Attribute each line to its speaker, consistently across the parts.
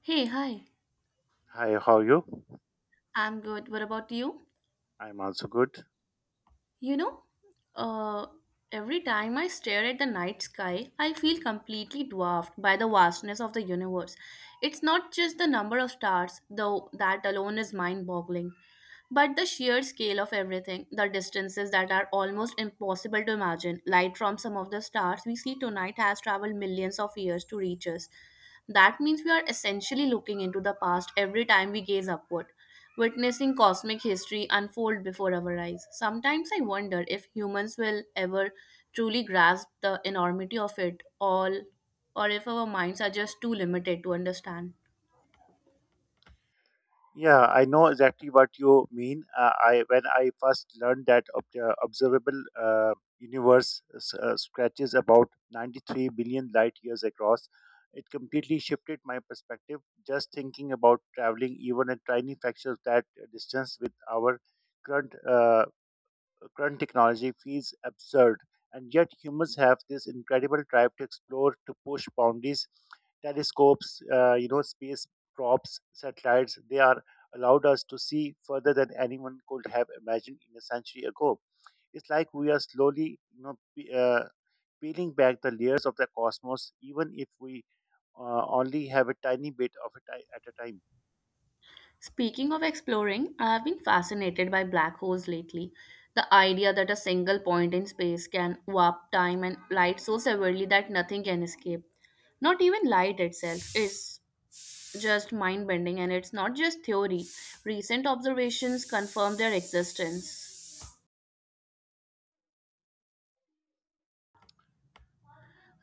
Speaker 1: Hey, hi.
Speaker 2: Hi, how are you?
Speaker 1: I'm good. What about you?
Speaker 2: I'm also good.
Speaker 1: You know, uh, every time I stare at the night sky, I feel completely dwarfed by the vastness of the universe. It's not just the number of stars, though that alone is mind-boggling, but the sheer scale of everything, the distances that are almost impossible to imagine, light from some of the stars we see tonight has traveled millions of years to reach us. That means we are essentially looking into the past every time we gaze upward, witnessing cosmic history unfold before our eyes. Sometimes I wonder if humans will ever truly grasp the enormity of it all, or if our minds are just too limited to understand.
Speaker 2: Yeah, I know exactly what you mean. I when I first learned that observable universe stretches about 93 billion light years across, it completely shifted my perspective. Just thinking about traveling even a tiny fraction of that distance with our current uh, current technology feels absurd. And yet, humans have this incredible drive to explore, to push boundaries. Telescopes, space props, satellites, they are allowed us to see further than anyone could have imagined in a century ago. It's like we are slowly, peeling back the layers of the cosmos, even if we only have a tiny bit of it at a time.
Speaker 1: Speaking of exploring, I have been fascinated by black holes lately. The idea that a single point in space can warp time and light so severely that nothing can escape. Not even light itself is just mind bending, and it's not just theory. Recent observations confirm their existence.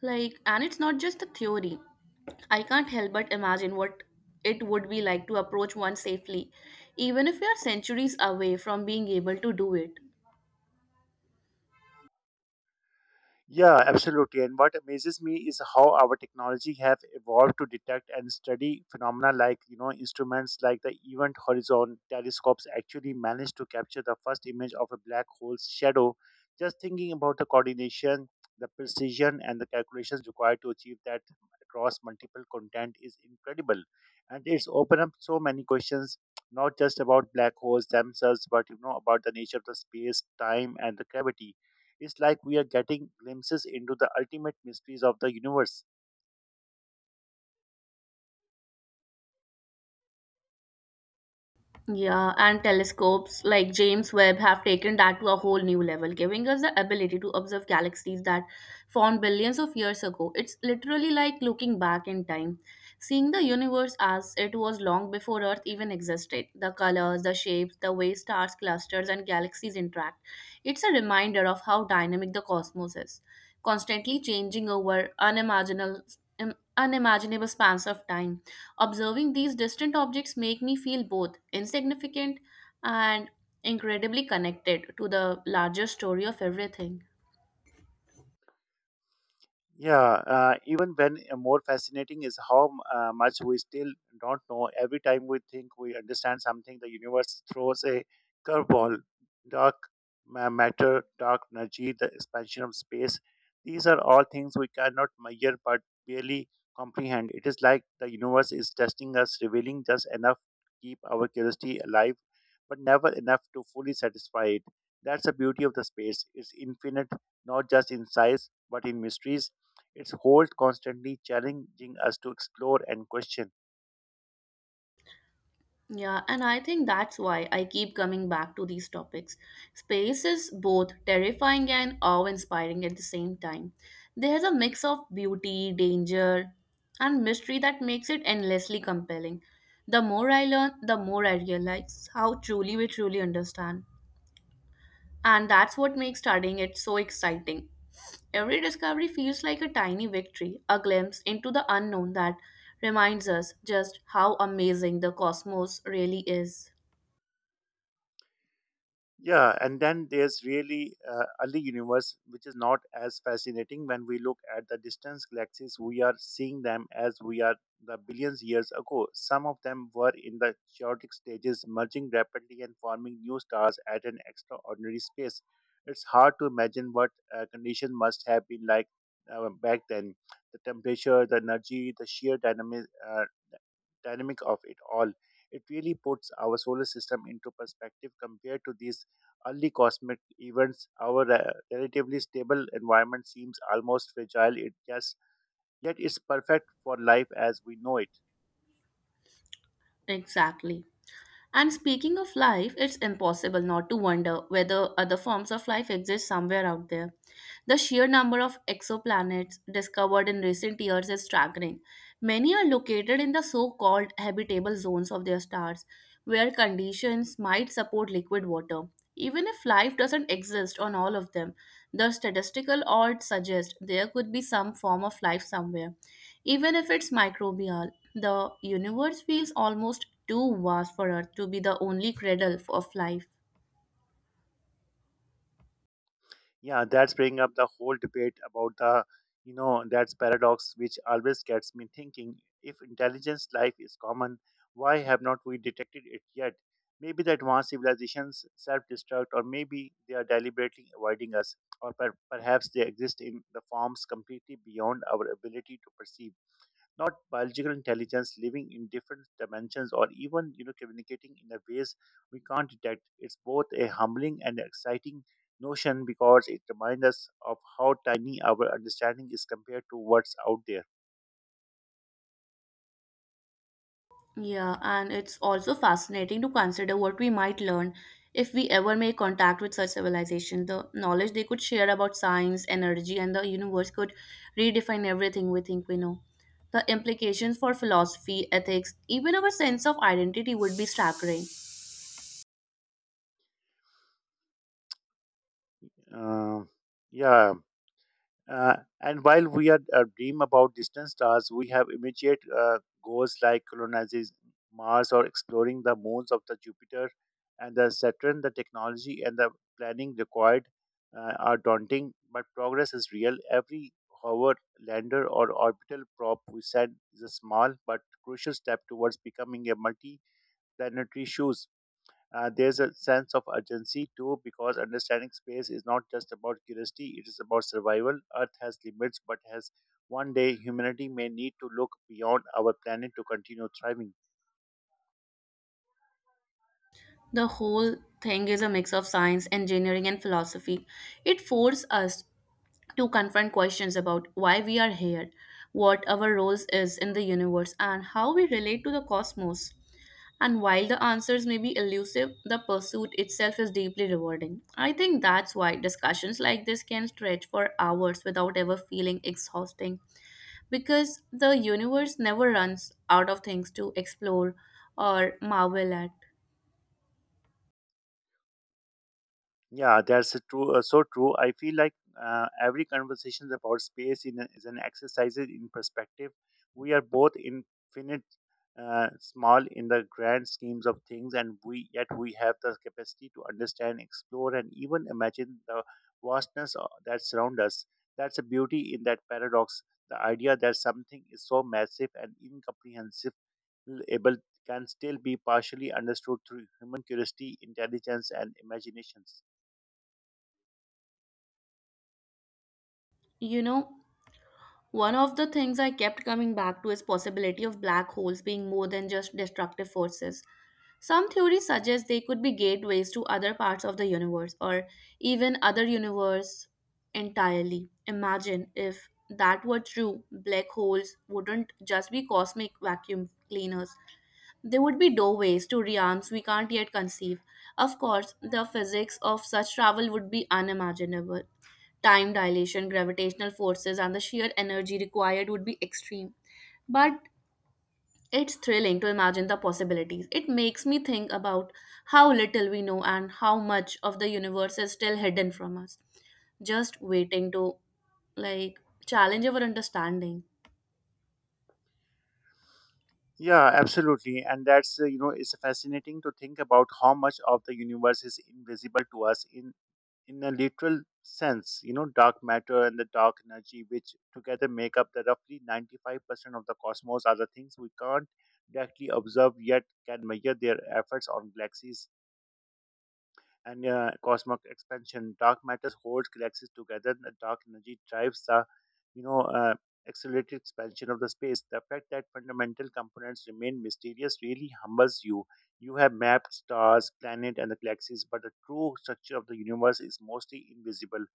Speaker 1: Like, and it's not just a theory. I can't help but imagine what it would be like to approach one safely, even if we are centuries away from being able to do it.
Speaker 2: Yeah, absolutely. And what amazes me is how our technology have evolved to detect and study phenomena like, instruments like the Event Horizon telescopes actually managed to capture the first image of a black hole's shadow. Just thinking about the coordination, the precision, and the calculations required to achieve that across multiple content is incredible. And it's opened up so many questions, not just about black holes themselves, but, about the nature of the space, time, and the gravity. It's like we are getting glimpses into the ultimate mysteries of the universe.
Speaker 1: Yeah, and telescopes like James Webb have taken that to a whole new level, giving us the ability to observe galaxies that formed billions of years ago. It's literally like looking back in time, seeing the universe as it was long before Earth even existed. The colors, the shapes, the way stars, clusters, and galaxies interact. It's a reminder of how dynamic the cosmos is, constantly changing over unimaginable unimaginable spans of time. Observing these distant objects make me feel both insignificant and incredibly connected to the larger story of everything.
Speaker 2: Yeah, even when more fascinating is how much we still don't know. Every time we think we understand something, the universe throws a curveball. Dark matter, dark energy, the expansion of space. These are all things we cannot measure but barely comprehend. It is like the universe is testing us, revealing just enough to keep our curiosity alive, but never enough to fully satisfy it. That's the beauty of the space. It's infinite, not just in size, but in mysteries its holds constantly challenging us to explore and question.
Speaker 1: Yeah, and I think that's why I keep coming back to these topics. Space is both terrifying and awe-inspiring at the same time. There's a mix of beauty, danger, and mystery that makes it endlessly compelling. The more I learn, the more I realize how truly we truly understand. And that's what makes studying it so exciting. Every discovery feels like a tiny victory, a glimpse into the unknown that reminds us just how amazing the cosmos really is.
Speaker 2: Yeah, and then there's really early universe, which is not as fascinating when we look at the distance galaxies. We are seeing them as we are the billions years ago. Some of them were in the chaotic stages, merging rapidly and forming new stars at an extraordinary space. It's hard to imagine what condition must have been like back then. The temperature, the energy, the sheer dynamic of it all. It really puts our solar system into perspective. Compared to these early cosmic events, our relatively stable environment seems almost fragile. It just yet it's perfect for life as we know it.
Speaker 1: Exactly. And speaking of life, it's impossible not to wonder whether other forms of life exist somewhere out there. The sheer number of exoplanets discovered in recent years is staggering. Many are located in the so called habitable zones of their stars, where conditions might support liquid water. Even if life doesn't exist on all of them, the statistical odds suggest there could be some form of life somewhere. Even if it's microbial, the universe feels almost too vast for Earth to be the only cradle of life.
Speaker 2: Yeah, that's bringing up the whole debate about the that's paradox, which always gets me thinking. If intelligence life is common, why have not we detected it yet? Maybe the advanced civilizations self-destruct, or maybe they are deliberately avoiding us, or perhaps they exist in the forms completely beyond our ability to perceive. Not biological intelligence living in different dimensions or even communicating in a ways we can't detect. It's both a humbling and exciting notion because it reminds us of how tiny our understanding is compared to what's out there.
Speaker 1: Yeah, and it's also fascinating to consider what we might learn if we ever make contact with such civilization. The knowledge they could share about science, energy, and the universe could redefine everything we think we know. The implications for philosophy, ethics, even our sense of identity would be staggering.
Speaker 2: Um yeah. Uh, and while we are dream about distant stars, we have immediate goals like colonizing Mars or exploring the moons of the Jupiter and the Saturn. The technology and the planning required are daunting, but progress is real. Every hover, lander, or orbital prop we send is a small but crucial step towards becoming a multi-planetary shoe. There's a sense of urgency too because understanding space is not just about curiosity, it is about survival. Earth has limits, but has one day humanity may need to look beyond our planet to continue thriving.
Speaker 1: The whole thing is a mix of science, engineering, and philosophy. It forces us to confront questions about why we are here, what our roles is in the universe, and how we relate to the cosmos. And while the answers may be elusive, the pursuit itself is deeply rewarding. I think that's why discussions like this can stretch for hours without ever feeling exhausting because the universe never runs out of things to explore or marvel at.
Speaker 2: Yeah, that's a true. So true. I feel like every conversation about space is an exercise in perspective. We are both infinite, small in the grand schemes of things, and we yet we have the capacity to understand, explore, and even imagine the vastness that surround us. That's a beauty in that paradox. The idea that something is so massive and incomprehensible can still be partially understood through human curiosity, intelligence, and imaginations.
Speaker 1: You know, one of the things I kept coming back to is possibility of black holes being more than just destructive forces. Some theories suggest they could be gateways to other parts of the universe or even other universe entirely. Imagine if that were true, black holes wouldn't just be cosmic vacuum cleaners. They would be doorways to realms we can't yet conceive. Of course, the physics of such travel would be unimaginable. Time dilation, gravitational forces, and the sheer energy required would be extreme. But it's thrilling to imagine the possibilities. It makes me think about how little we know and how much of the universe is still hidden from us, just waiting to like challenge our understanding.
Speaker 2: Yeah, absolutely. And it's fascinating to think about how much of the universe is invisible to us in a literal sense. Dark matter and the dark energy, which together make up the roughly 95% of the cosmos, are the things we can't directly observe yet can measure their efforts on galaxies and cosmic expansion. Dark matter holds galaxies together, and the dark energy drives the, you know, uh, accelerated expansion of the space. The fact that fundamental components remain mysterious really humbles you. You have mapped stars, planets, and the galaxies, but the true structure of the universe is mostly invisible.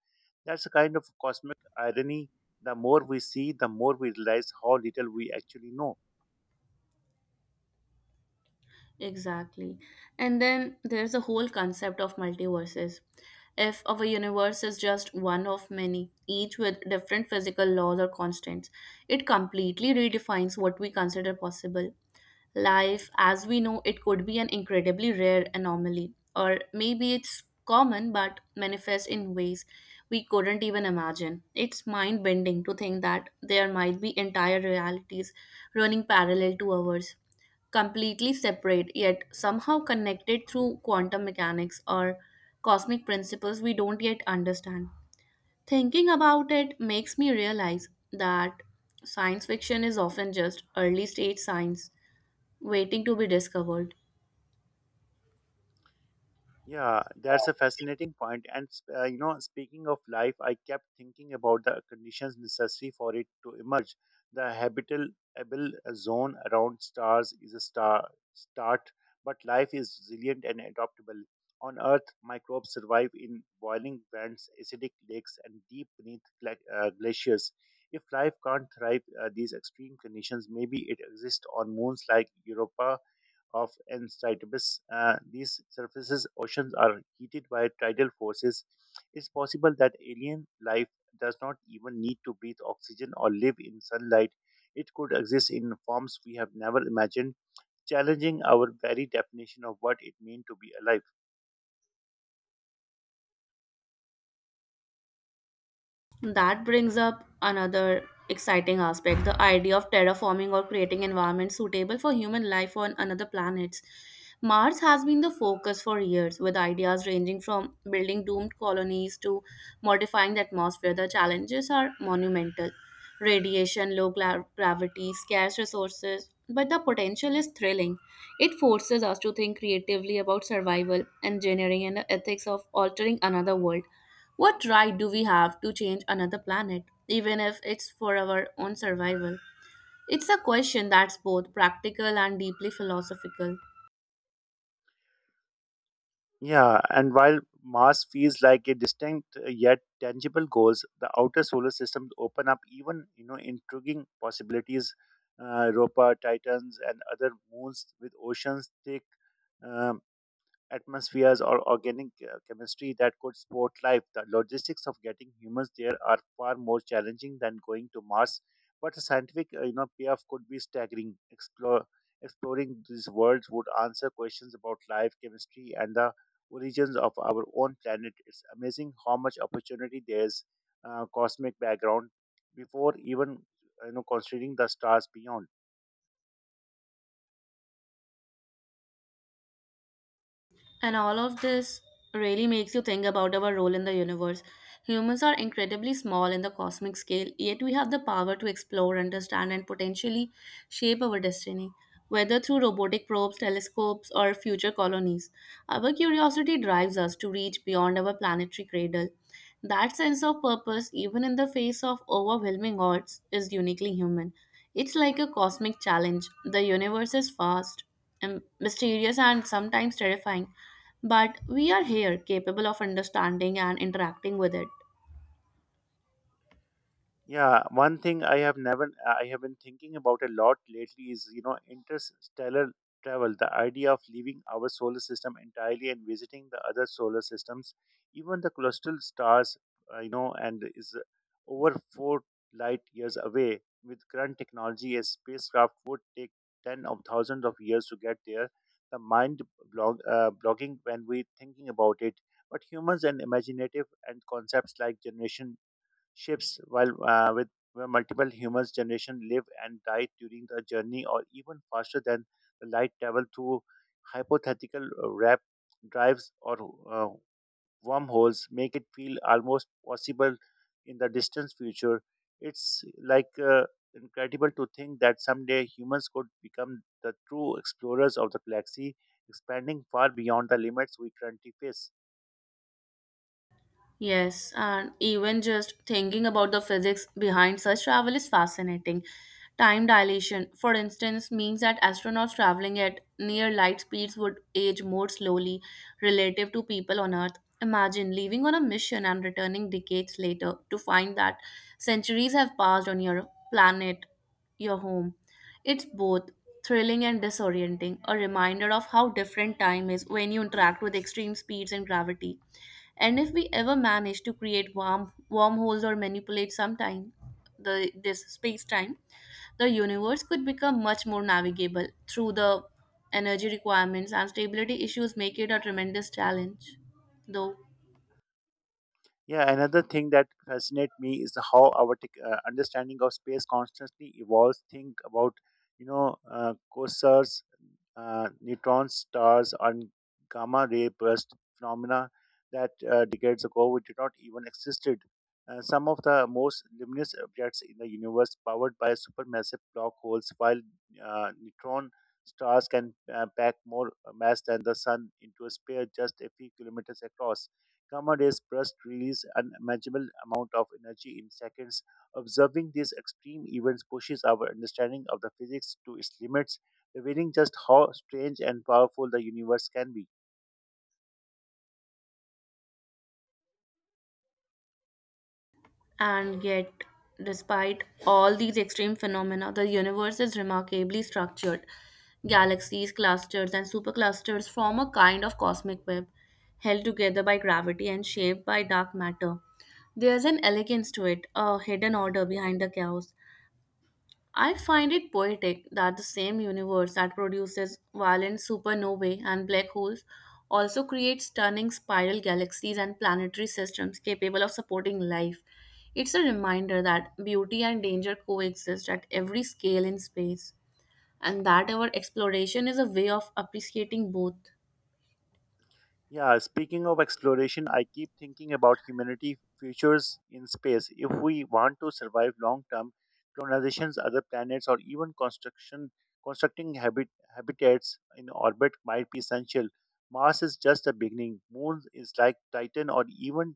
Speaker 2: That's a kind of cosmic irony. The more we see, the more we realize how little we actually know.
Speaker 1: Exactly. And then there's the whole concept of multiverses. If our universe is just one of many, each with different physical laws or constants, it completely redefines what we consider possible. Life as we know it could be an incredibly rare anomaly, or maybe it's common but manifests in ways we couldn't even imagine. It's mind bending to think that there might be entire realities running parallel to ours, completely separate yet somehow connected through quantum mechanics or cosmic principles we don't yet understand. Thinking about it makes me realize that science fiction is often just early stage science waiting to be discovered.
Speaker 2: Yeah, that's a fascinating point. And speaking of life, I kept thinking about the conditions necessary for it to emerge. The habitable zone around stars is a star start, but life is resilient and adaptable. On Earth, microbes survive in boiling vents, acidic lakes, and deep beneath glaciers. If life can't thrive these extreme conditions, maybe it exists on moons like Europa of Enceladus. These surfaces oceans are heated by tidal forces. It's possible that alien life does not even need to breathe oxygen or live in sunlight. It could exist in forms we have never imagined, challenging our very definition of what it means to be alive.
Speaker 1: That brings up another exciting aspect the idea of terraforming or creating environments suitable for human life on another planet. Mars has been the focus for years, with ideas ranging from building doomed colonies to modifying the atmosphere. The challenges are monumental radiation, low gravity, scarce resources, but the potential is thrilling. It forces us to think creatively about survival, engineering, and the ethics of altering another world. What right do we have to change another planet, even if it's for our own survival? It's a question that's both practical and deeply philosophical.
Speaker 2: Yeah, and while Mars feels like a distinct yet tangible goals, the outer solar systems open up even intriguing possibilities. Europa, Titans, and other moons with oceans thick um, atmospheres, or organic chemistry that could support life. The logistics of getting humans there are far more challenging than going to Mars, but the scientific payoff could be staggering. Exploring these worlds would answer questions about life, chemistry, and the origins of our own planet. It's amazing how much opportunity there is cosmic background before even considering the stars beyond.
Speaker 1: And all of this really makes you think about our role in the universe. Humans are incredibly small in the cosmic scale, yet we have the power to explore, understand, and potentially shape our destiny, whether through robotic probes, telescopes, or future colonies. Our curiosity drives us to reach beyond our planetary cradle. That sense of purpose, even in the face of overwhelming odds, is uniquely human. It's like a cosmic challenge. The universe is vast, and mysterious, and sometimes terrifying, but we are here, capable of understanding and interacting with it.
Speaker 2: Yeah, one thing I have never I have been thinking about a lot lately is interstellar travel, the idea of leaving our solar system entirely and visiting the other solar systems, even the clusteral stars, and is over 4 light years away. With current technology, a spacecraft would take ten of thousands of years to get there. The mind blogging when we thinking about it, but humans and imaginative and concepts like generation ships while with where multiple humans generation live and die during the journey, or even faster than the light travel through hypothetical rap drives or uh, wormholes make it feel almost possible in the distant future. It's like incredible to think that someday humans could become the true explorers of the galaxy, expanding far beyond the limits we currently face.
Speaker 1: Yes, and even just thinking about the physics behind such travel is fascinating. Time dilation, for instance, means that astronauts traveling at near light speeds would age more slowly relative to people on Earth. Imagine leaving on a mission and returning decades later to find that centuries have passed on your planet, your home. It's both thrilling and disorienting, a reminder of how different time is when you interact with extreme speeds and gravity. And if we ever manage to create wormholes or manipulate sometime the this space time, the universe could become much more navigable through the energy requirements and stability issues make it a tremendous challenge though.
Speaker 2: Yeah, another thing that fascinates me is how our understanding of space constantly evolves. Think about, quasars, neutron stars, and gamma ray burst phenomena that decades ago we did not even existed. Some of the most luminous objects in the universe powered by supermassive black holes, while neutron stars can pack more mass than the sun into a sphere just a few kilometers across. Commodus Burst release unimaginable amount of energy in seconds. Observing these extreme events pushes our understanding of the physics to its limits, revealing just how strange and powerful the universe can be.
Speaker 1: And yet, despite all these extreme phenomena, the universe is remarkably structured. Galaxies, clusters, and superclusters form a kind of cosmic web, held together by gravity and shaped by dark matter. There's an elegance to it, a hidden order behind the chaos. I find it poetic that the same universe that produces violent supernovae and black holes also creates stunning spiral galaxies and planetary systems capable of supporting life. It's a reminder that beauty and danger coexist at every scale in space, and that our exploration is a way of appreciating both.
Speaker 2: Yeah, speaking of exploration, I keep thinking about humanity futures in space. If we want to survive long term, colonizations other planets or even construction constructing habitats in orbit might be essential. Mars is just the beginning. Moon is like Titan or even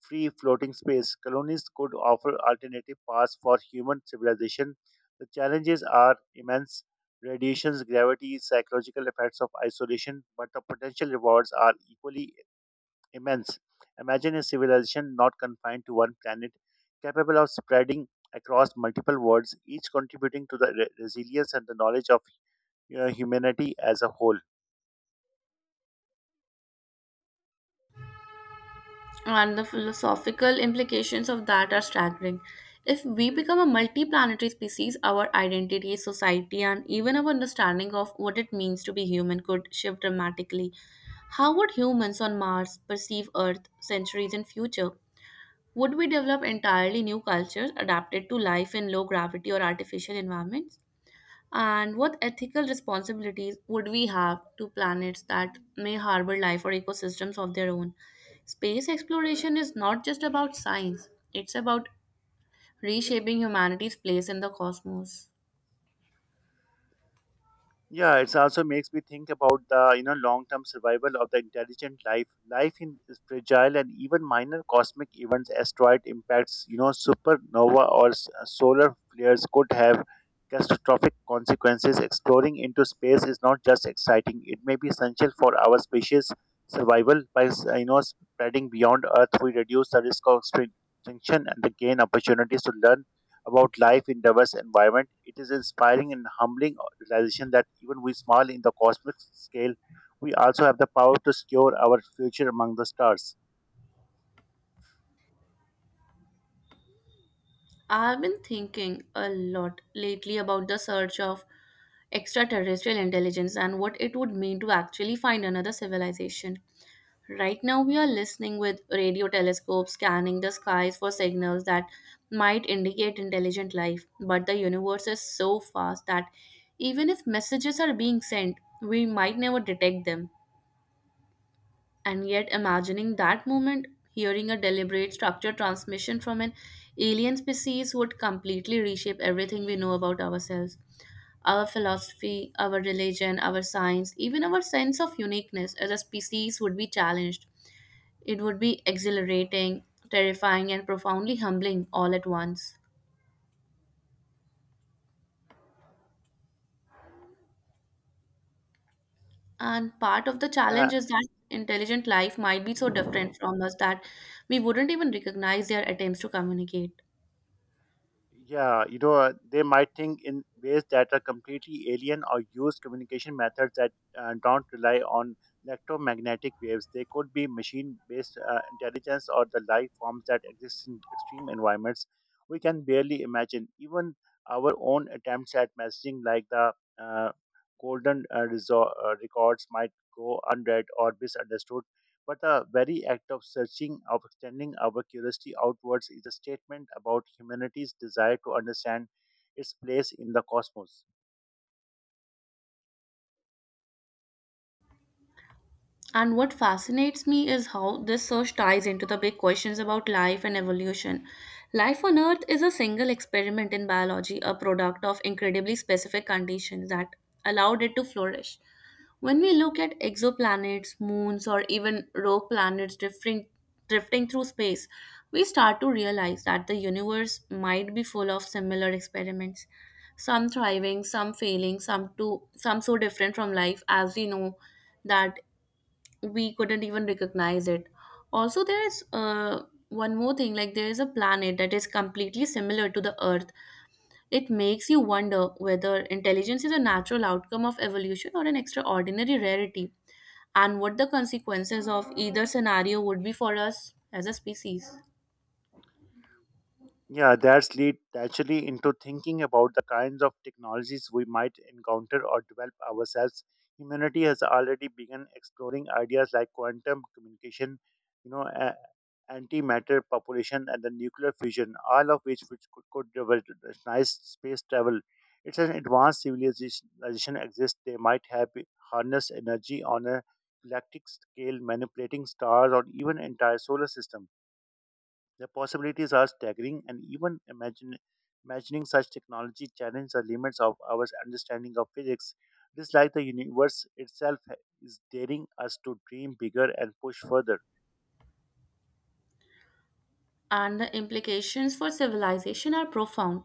Speaker 2: free floating space. Colonies could offer alternative paths for human civilization. The challenges are immense radiations, gravity, psychological effects of isolation, but the potential rewards are equally immense. Imagine a civilization not confined to one planet, capable of spreading across multiple worlds, each contributing to the resilience and the knowledge of humanity as a whole.
Speaker 1: And the philosophical implications of that are staggering. If we become a multi planetary species, our identity, society, and even our understanding of what it means to be human could shift dramatically. How would humans on Mars perceive Earth centuries in future? Would we develop entirely new cultures adapted to life in low gravity or artificial environments? And what ethical responsibilities would we have to planets that may harbor life or ecosystems of their own? Space exploration is not just about science, it's about reshaping humanity's place in the cosmos.
Speaker 2: Yeah, it also makes me think about the long term survival of the intelligent life. Life in is fragile, and even minor cosmic events, asteroid impacts, supernova or solar flares could have catastrophic consequences. Exploring into space is not just exciting; it may be essential for our species' survival. By spreading beyond Earth, we reduce the risk of extinction and gain opportunities to learn about life in diverse environment. It is inspiring and humbling realization that even we small in the cosmic scale, we also have the power to secure our future among the stars.
Speaker 1: I've been thinking a lot lately about the search of extraterrestrial intelligence and what it would mean to actually find another civilization. Right now, we are listening with radio telescopes, scanning the skies for signals that might indicate intelligent life. But the universe is so vast that even if messages are being sent, we might never detect them. And yet, imagining that moment, hearing a deliberate structured transmission from an alien species would completely reshape everything we know about ourselves our philosophy, our religion, our science, even our sense of uniqueness as a species would be challenged. It would be exhilarating, terrifying, and profoundly humbling all at once. And part of the challenge
Speaker 2: Uh,
Speaker 1: is that intelligent life might be so different from us that we wouldn't even recognize their attempts to communicate.
Speaker 2: Yeah, they might think in ways that are completely alien or use communication methods that don't rely on electromagnetic waves. They could be machine based intelligence or the life forms that exist in extreme environments we can barely imagine. Even our own attempts at messaging, like the uh, golden records, might go unread or misunderstood. But the very act of searching, of extending our curiosity outwards, is a statement about humanity's desire to understand its place in the cosmos.
Speaker 1: And what fascinates me is how this search ties into the big questions about life and evolution. Life on Earth is a single experiment in biology, a product of incredibly specific conditions that allowed it to flourish. When we look at exoplanets, moons, or even rogue planets drifting through space, we start to realize that the universe might be full of similar experiments, some thriving, some failing, some too, some so different from life as we know that we couldn't even recognize it. Also, there is one more thing, like there is a planet that is completely similar to the earth. It makes you wonder whether intelligence is a natural outcome of evolution or an extraordinary rarity, and what the consequences of either scenario would be for us as a species.
Speaker 2: Yeah, that's lead actually into thinking about the kinds of technologies we might encounter or develop ourselves. Humanity has already begun exploring ideas like quantum communication, you know, a- antimatter population, and the nuclear fusion, all of which could revolutionize space travel. It's an advanced civilization exists. They might have harnessed energy on a galactic scale, manipulating stars or even entire solar system. The possibilities are staggering, and even imagining such technology challenges the limits of our understanding of physics. It is like the universe itself is daring us to dream bigger and push further.
Speaker 1: And the implications for civilization are profound.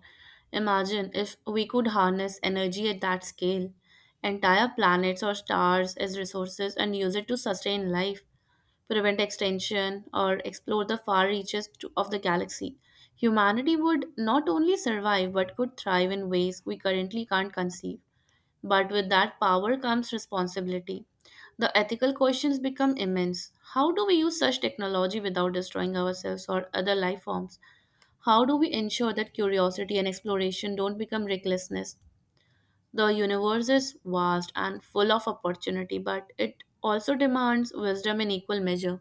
Speaker 1: Imagine if we could harness energy at that scale, entire planets or stars as resources and use it to sustain life, prevent extinction, or explore the far reaches of the galaxy. Humanity would not only survive but could thrive in ways we currently can't conceive. But with that power comes responsibility. The ethical questions become immense. How do we use such technology without destroying ourselves or other life forms? How do we ensure that curiosity and exploration don't become recklessness? The universe is vast and full of opportunity, but it also demands wisdom in equal measure.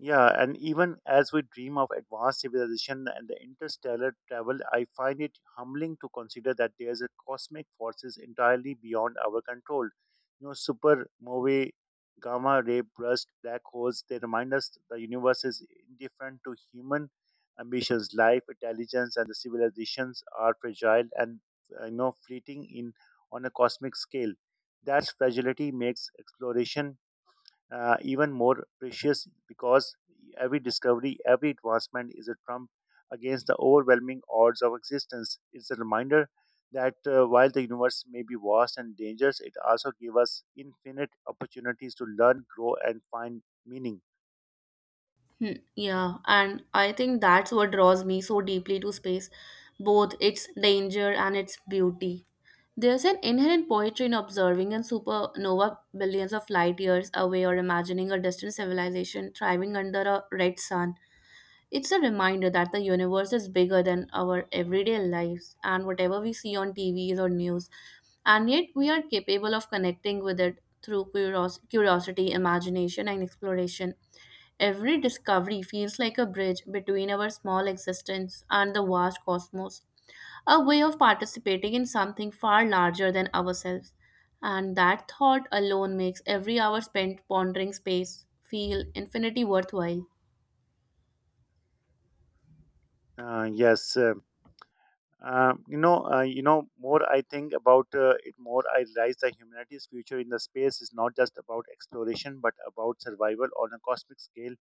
Speaker 2: Yeah, and even as we dream of advanced civilization and the interstellar travel, I find it humbling to consider that there's a cosmic forces entirely beyond our control. You know, supernovae, gamma ray burst, black holes, they remind us the universe is indifferent to human ambitions. Life, intelligence, and the civilizations are fragile and fleeting in on a cosmic scale. That fragility makes exploration even more precious because every discovery, every advancement is a trump against the overwhelming odds of existence. It's a reminder that while the universe may be vast and dangerous, it also gives us infinite opportunities to learn, grow, and find meaning.
Speaker 1: Hmm. Yeah, and I think that's what draws me so deeply to space, both its danger and its beauty. There's an inherent poetry in observing a supernova billions of light years away or imagining a distant civilization thriving under a red sun. It's a reminder that the universe is bigger than our everyday lives and whatever we see on TVs or news, and yet we are capable of connecting with it through curiosity, imagination, and exploration. Every discovery feels like a bridge between our small existence and the vast cosmos, a way of participating in something far larger than ourselves. And that thought alone makes every hour spent pondering space feel infinity worthwhile.
Speaker 2: Yes. You know, more I think about it, more I realize that humanity's future in the space is not just about exploration, but about survival on a cosmic scale.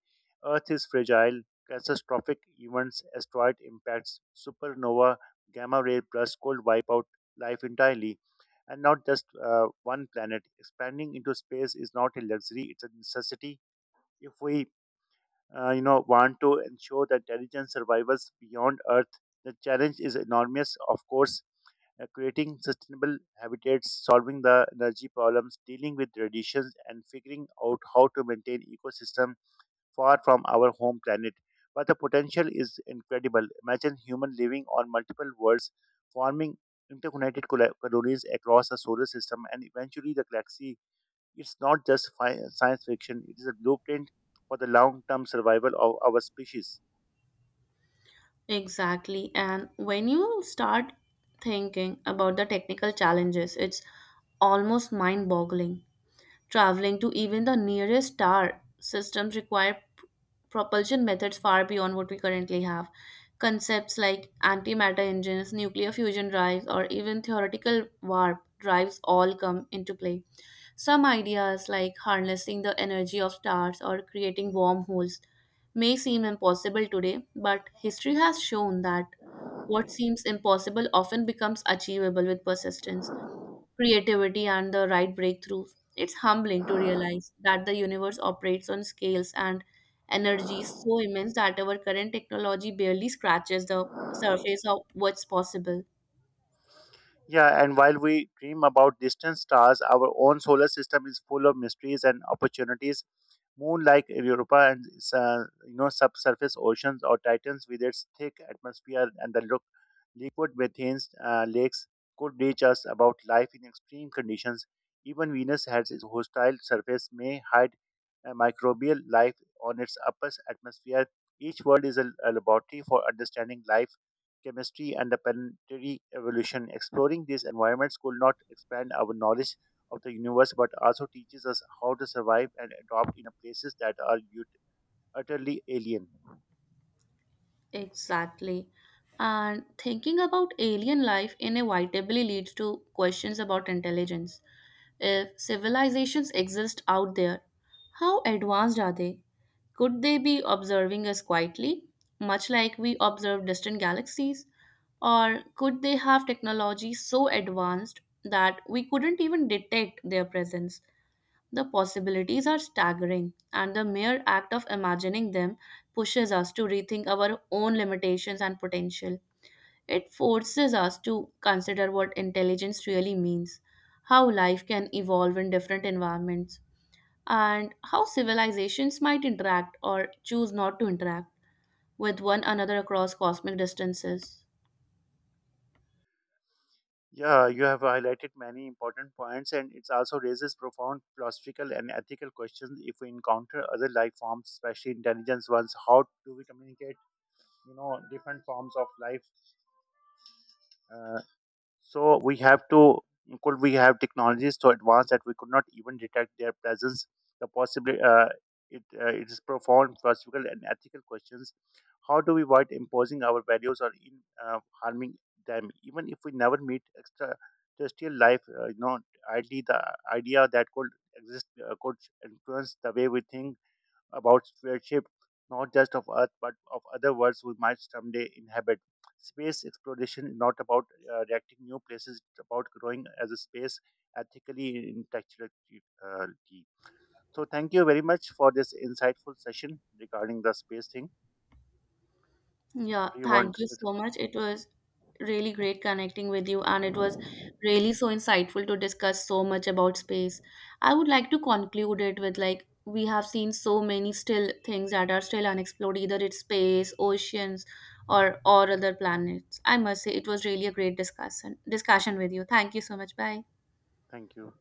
Speaker 2: Earth is fragile. Catastrophic events, asteroid impacts, supernova, gamma ray bursts could wipe out life entirely, and not just one planet. Expanding into space is not a luxury; it's a necessity. If we want to ensure that intelligent survivals beyond Earth the challenge is enormous, of course, creating sustainable habitats, solving the energy problems, dealing with radiations, and figuring out how to maintain ecosystem far from our home planet. But the potential is incredible. Imagine human living on multiple worlds, forming interconnected colonies across the solar system and eventually the galaxy. It's not just science fiction; it is a blueprint for the long-term survival of our species.
Speaker 1: Exactly. And when you start thinking about the technical challenges, it's almost mind boggling. Traveling to even the nearest star systems require propulsion methods far beyond what we currently have. Concepts like antimatter engines, nuclear fusion drives, or even theoretical warp drives all come into play. Some ideas, like harnessing the energy of stars or creating wormholes, may seem impossible today, but history has shown that what seems impossible often becomes achievable with persistence, creativity, and the right breakthroughs. It's humbling to realize that the universe operates on scales and energies so immense that our current technology barely scratches the surface of what's possible.
Speaker 2: Yeah, and while we dream about distant stars, our own solar system is full of mysteries and opportunities. Moon like Europa and subsurface oceans or Titans with its thick atmosphere and the look liquid methane lakes could teach us about life in extreme conditions. Even Venus has its hostile surface may hide microbial life on its upper atmosphere. Each world is a laboratory for understanding life, chemistry, and the planetary evolution. Exploring these environments could not expand our knowledge of the universe, but also teaches us how to survive and adopt in a places that are utterly alien.
Speaker 1: Exactly. And thinking about alien life inevitably leads to questions about intelligence. If civilizations exist out there, how advanced are they? Could they be observing us quietly, much like we observe distant galaxies? Or could they have technology so advanced that we couldn't even detect their presence? The possibilities are staggering, and the mere act of imagining them pushes us to rethink our own limitations and potential. It forces us to consider what intelligence really means, how life can evolve in different environments, and how civilizations might interact or choose not to interact with one another across cosmic distances.
Speaker 2: Yeah, you have highlighted many important points, and it also raises profound philosophical and ethical questions. If we encounter other life forms, especially intelligence ones, how do we communicate? You know, different forms of life. Uh, So we have to could we have technologies so advanced that we could not even detect their presence? The possibly it it is profound philosophical and ethical questions. How do we avoid imposing our values or in harming them? Even if we never meet extraterrestrial life, ideally the idea that could exist could influence the way we think about stewardship, not just of Earth, but of other worlds we might someday inhabit. Space exploration is not about reacting new places, it's about growing as a space ethically intellectually. Uh, so, thank you very much for this insightful session regarding the space thing.
Speaker 1: Yeah,
Speaker 2: Do you want
Speaker 1: thank
Speaker 2: to
Speaker 1: you
Speaker 2: say
Speaker 1: so much.
Speaker 2: something?
Speaker 1: It was really great connecting with you, and it was really so insightful to discuss so much about space. I would like to conclude it with, like, we have seen so many still things that are still unexplored, either it's space, oceans, or other planets. I must say it was really a great discussion with you. Thank you so much. Bye.
Speaker 2: Thank you.